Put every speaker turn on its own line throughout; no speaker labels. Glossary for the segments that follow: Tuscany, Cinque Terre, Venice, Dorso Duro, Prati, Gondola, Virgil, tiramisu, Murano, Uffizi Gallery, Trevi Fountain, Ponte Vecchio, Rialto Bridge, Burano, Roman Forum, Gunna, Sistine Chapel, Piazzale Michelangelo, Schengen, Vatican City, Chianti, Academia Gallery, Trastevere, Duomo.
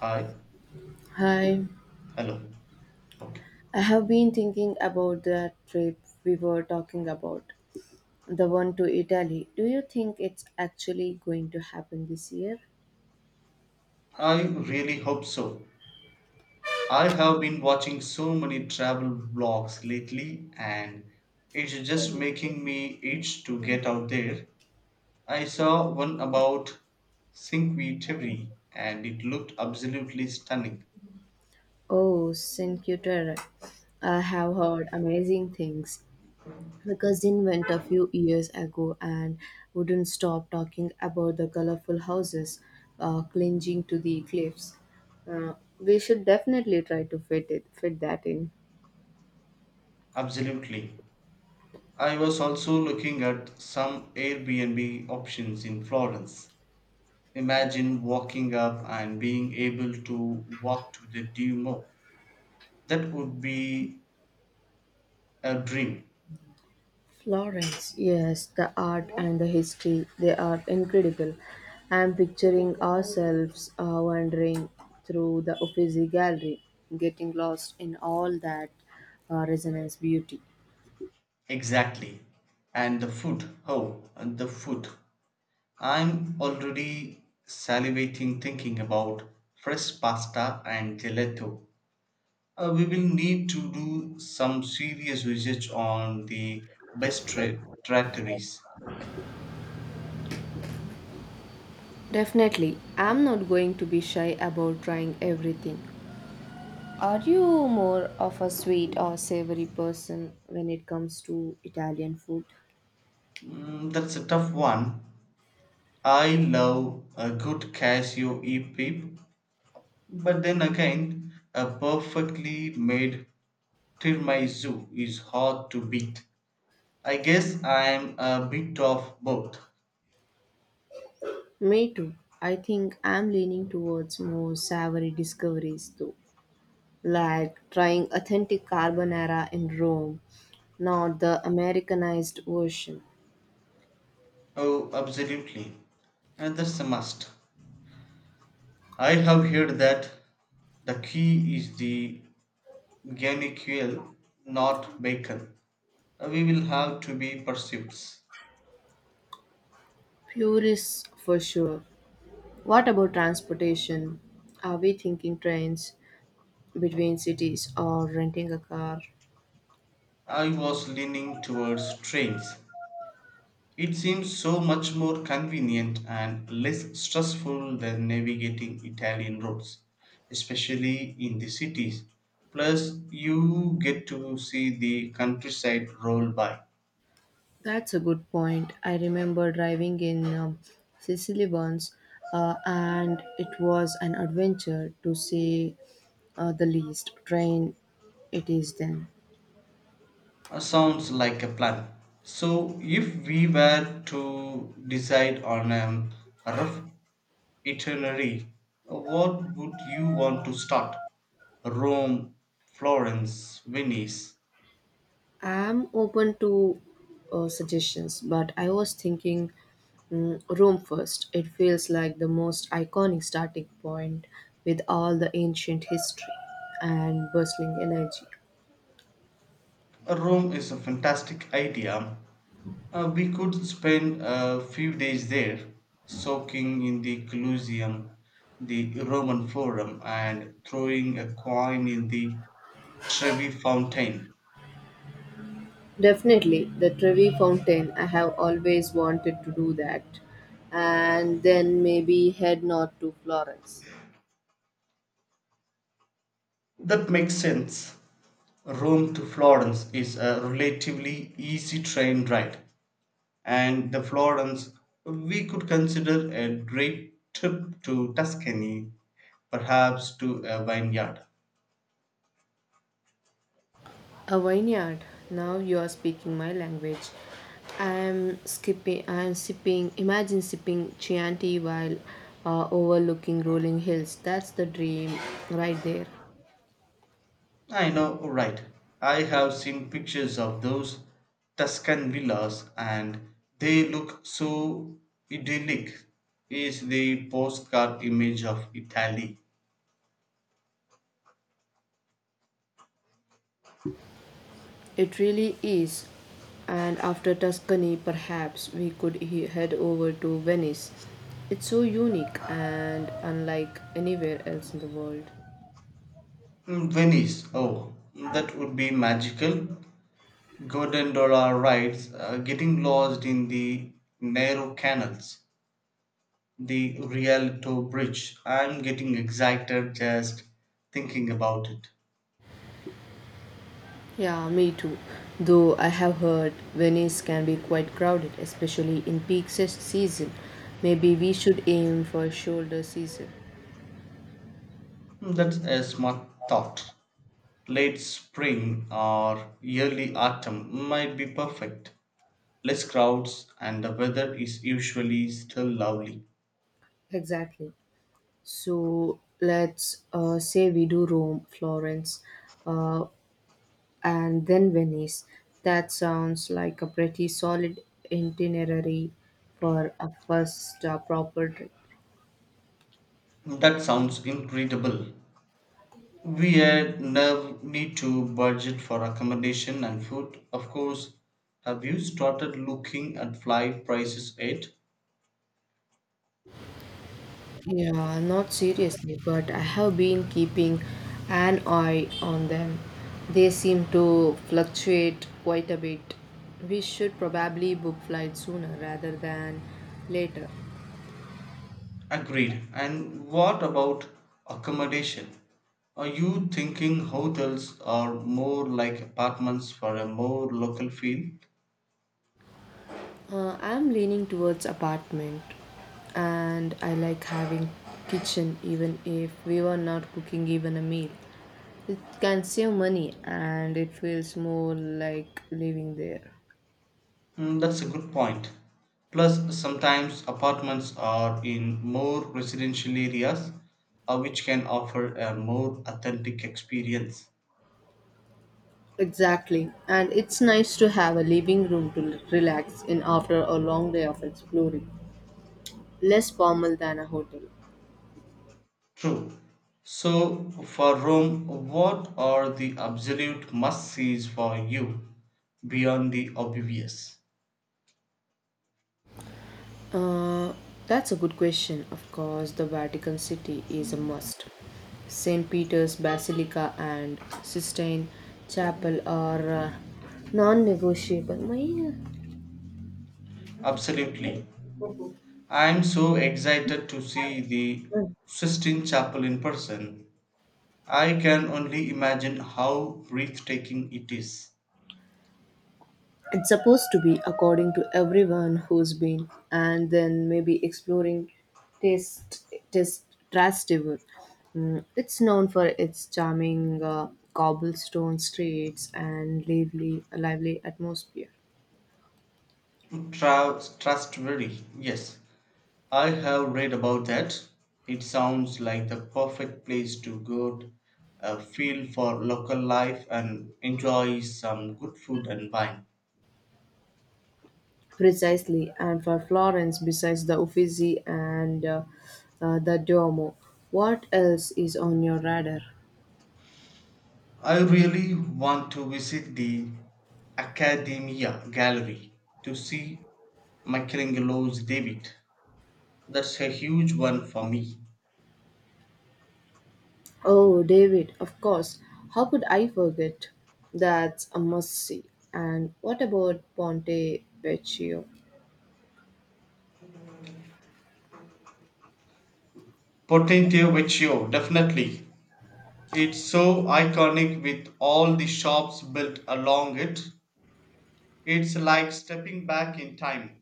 Hi,
Hi,
hello. Okay.
I have been thinking about that trip we were talking about, the one to Italy. Do you think it's actually going to happen this year?
I really hope so. I have been watching so many travel vlogs lately, and it's just making me itch to get out there. I saw one about Cinque Terre and it looked absolutely stunning.
Oh, Cinque Terre. I have heard amazing things. My cousin went a few years ago and wouldn't stop talking about the colorful houses clinging to the cliffs. We should definitely try to fit that in.
Absolutely. I was also looking at some Airbnb options in Florence. Imagine walking up and being able to walk to the Duomo. That would be a drink,
Florence, yes, the art and the history, they are incredible. I'm picturing ourselves wandering through the Uffizi Gallery, getting lost in all that resonance beauty.
exactly. And the food, oh, and the food. I'm already salivating thinking about fresh pasta and gelato. We will need to do some serious research on the best trattories.
Definitely, I'm not going to be shy about trying everything. Are you more of a sweet or savory person when it comes to Italian food?
That's a tough one. I love a good cashew e-peep, but then again, a perfectly made tiramisu is hard to beat. I guess I'm a bit of both.
Me too. I think I'm leaning towards more savory discoveries though, like trying authentic carbonara in Rome, not the Americanized version.
Oh, absolutely. And that's a must. I have heard that the key is the gamicule, not bacon. We will have to be pursuits.
Purists for sure. What about transportation? Are we thinking trains between cities or renting a car?
I was leaning towards trains. It seems so much more convenient and less stressful than navigating Italian roads, especially in the cities. Plus, you get to see the countryside roll by.
That's a good point. I remember driving in Sicily once, and it was an adventure to say the least. Train it is then.
Sounds like a plan. So, if we were to decide on a rough itinerary, what would you want to start? Rome, Florence, Venice.
I'm open to suggestions, but I was thinking Rome first. It feels like the most iconic starting point with all the ancient history and bustling energy.
Rome is a fantastic idea. We could spend a few days there, soaking in the Colosseum, the Roman Forum, and throwing a coin in the Trevi Fountain.
Definitely, the Trevi Fountain, I have always wanted to do that. And then maybe head north to Florence.
That makes sense. Rome to Florence is a relatively easy train ride, and the Florence we could consider a great trip to Tuscany, perhaps to a vineyard.
A vineyard. Now you are speaking my language. I am skipping. I am sipping. Imagine sipping Chianti while overlooking rolling hills. That's the dream, right there.
I know, right. I have seen pictures of those Tuscan villas and they look so idyllic. Is the postcard image of Italy.
It really is. And after Tuscany, perhaps we could head over to Venice. It's so unique and unlike anywhere else in the world.
Venice, oh, that would be magical. Gondola rides, getting lost in the narrow canals, the Rialto Bridge. I'm getting excited just thinking about it.
Yeah, me too. Though I have heard Venice can be quite crowded, especially in peak season. Maybe we should aim for shoulder season.
That's a smart thought. Late spring or early autumn might be perfect. Less crowds and the weather is usually still lovely.
Exactly. So let's say we do Rome, Florence, uh, and then Venice. That sounds like a pretty solid itinerary for a first proper trip.
That sounds incredible. We had now need to budget for accommodation and food. Of course, have you started looking at flight prices yet?
Yeah, not seriously, but I have been keeping an eye on them. They seem to fluctuate quite a bit. We should probably book flight sooner rather than later.
Agreed. And what about accommodation? Are you thinking hotels are more like apartments for a more local feel?
I'm leaning towards apartment and I like having kitchen even if we were not cooking even a meal. It can save money and it feels more like living there.
That's a good point. Plus, sometimes apartments are in more residential areas, which can offer a more authentic experience.
Exactly. And it's nice to have a living room to relax in after a long day of exploring. Less formal than a hotel.
True. So, for Rome, what are the absolute must sees for you beyond the obvious?
Uh, that's a good question. Of course, the Vatican City is a must. St. Peter's Basilica and Sistine Chapel are non negotiable.
Absolutely. I'm so excited to see the Sistine Chapel in person. I can only imagine how breathtaking it is.
It's supposed to be according to everyone who's been, and then maybe exploring taste taste Trastevere. Mm, it's known for its charming cobblestone streets and lively atmosphere.
Trustworthy, yes. I have read about that. It sounds like the perfect place to go, feel for local life, and enjoy some good food and wine.
Precisely, and for Florence, besides the Uffizi and the Duomo, what else is on your radar?
I really want to visit the Academia Gallery to see Michelangelo's David. That's a huge one for me.
Oh, David, of course. How could I forget? That's a must see. And what about Ponte Vecchio?
Potente Vecchio, definitely. It's so iconic with all the shops built along it. It's like stepping back in time.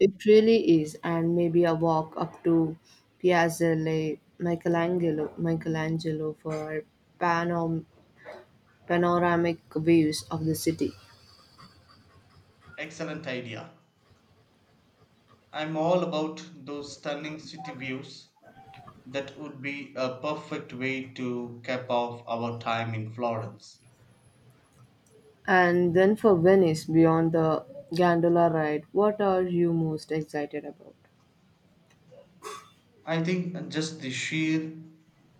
It really is, and maybe a walk up to Piazzale Michelangelo for panom- panoramic views of the city.
Excellent idea. I'm all about those stunning city views. That would be a perfect way to cap off our time in Florence.
And then for Venice, beyond the gondola ride, what are you most excited about?
I think just the sheer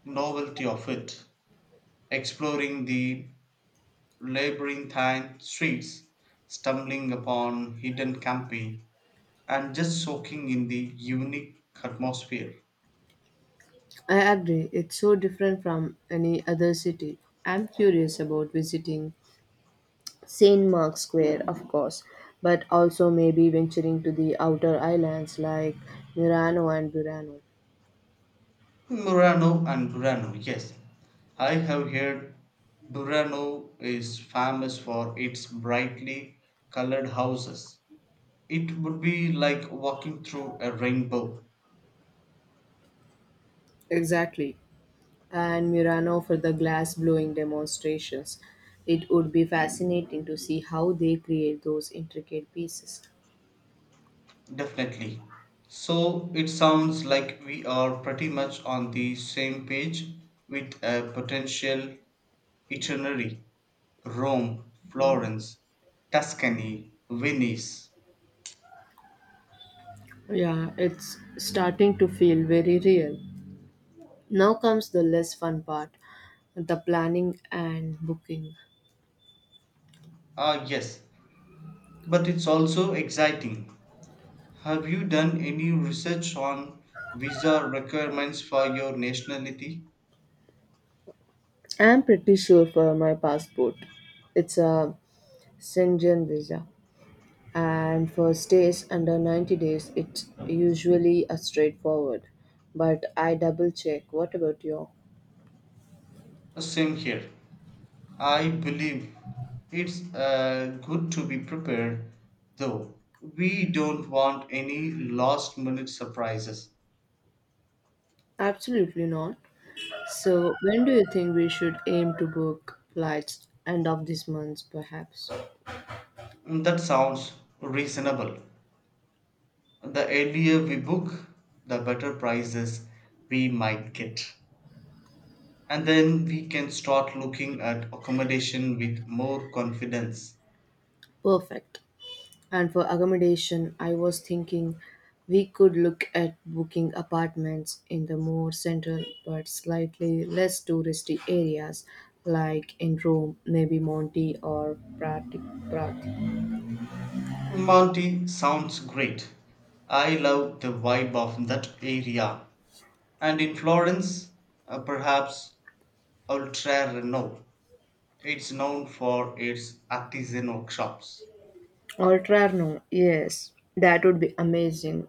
novelty of it, exploring the labyrinthine streets, stumbling upon hidden campi, and just soaking in the unique atmosphere.
I agree, it's so different from any other city. I'm curious about visiting St. Mark's Square, of course, but also maybe venturing to the outer islands like Murano and Burano.
Murano and Burano, yes. I have heard Burano is famous for its brightly colored houses. It would be like walking through a rainbow,
Exactly. And Murano for the glass blowing demonstrations. It would be fascinating to see how they create those intricate pieces.
definitely. So it sounds like we are pretty much on the same page with a potential itinerary: Rome, Florence, Tuscany, Venice.
Yeah, it's starting to feel very real. Now comes the less fun part, the planning and booking.
Ah, yes, but it's also exciting. Have you done any research on visa requirements for your nationality?
I'm pretty sure for my passport. It's a Schengen visa, and for stays under 90 days it's usually a straightforward, but I double check. What about you?
Ah, same here. I believe it's good to be prepared, though. We don't want any last minute surprises.
Absolutely not. So when do you think we should aim to book flights? End of this month perhaps?
That sounds reasonable. The earlier we book, the better prices we might get. And then we can start looking at accommodation with more confidence.
Perfect. And for accommodation I was thinking we could look at booking apartments in the more central but slightly less touristy areas, like in Rome maybe Monte or Prati.
Monty sounds great. I love the vibe of that area. And in Florence, perhaps Oltrarno. It's known for its artisanal shops.
Alterno, yes, that would be amazing.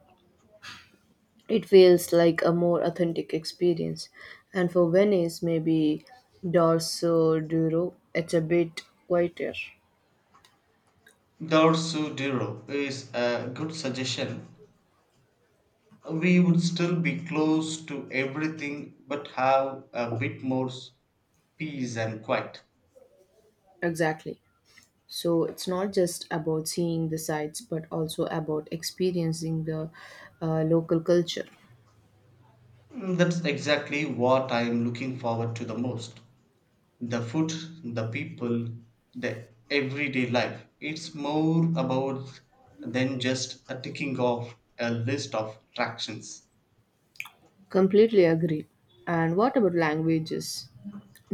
It feels like a more authentic experience. And for Venice, maybe Dorso Duro, it's a bit quieter.
Dorsoduro is a good suggestion. We would still be close to everything but have a bit more peace and quiet.
Exactly. So it's not just about seeing the sights, but also about experiencing the local culture.
That's exactly what I am looking forward to the most. The food, the people, the everyday life. It's more about than just a ticking off a list of attractions.
Completely agree. And what about languages?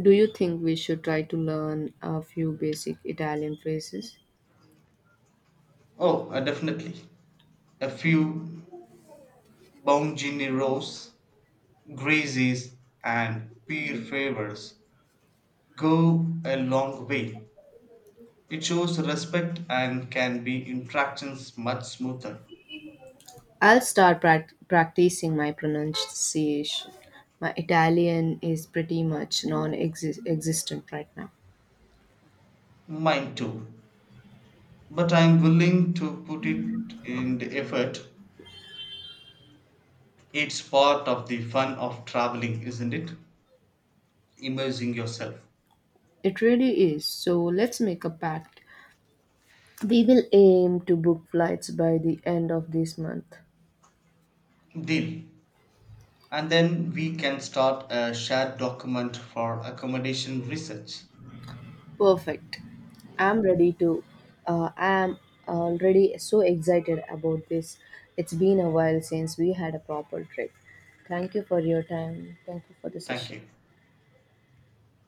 Do you think we should try to learn a few basic Italian phrases?
Oh, definitely. A few bongineros, grazies, and peer favors go a long way. It shows respect and can be interactions much smoother.
I'll start practicing my pronunciation. My Italian is pretty much non existent right now.
Mine too. But I'm willing to put it in the effort. It's part of the fun of traveling, isn't it? Immersing yourself.
It really is. So let's make a pact. We will aim to book flights by the end of this month.
Deal. And then we can start a shared document for accommodation research.
Perfect. I'm ready to. I'm already so excited about this. It's been a while since we had a proper trip. Thank you for your time. Thank you for the
Thank
session.
you.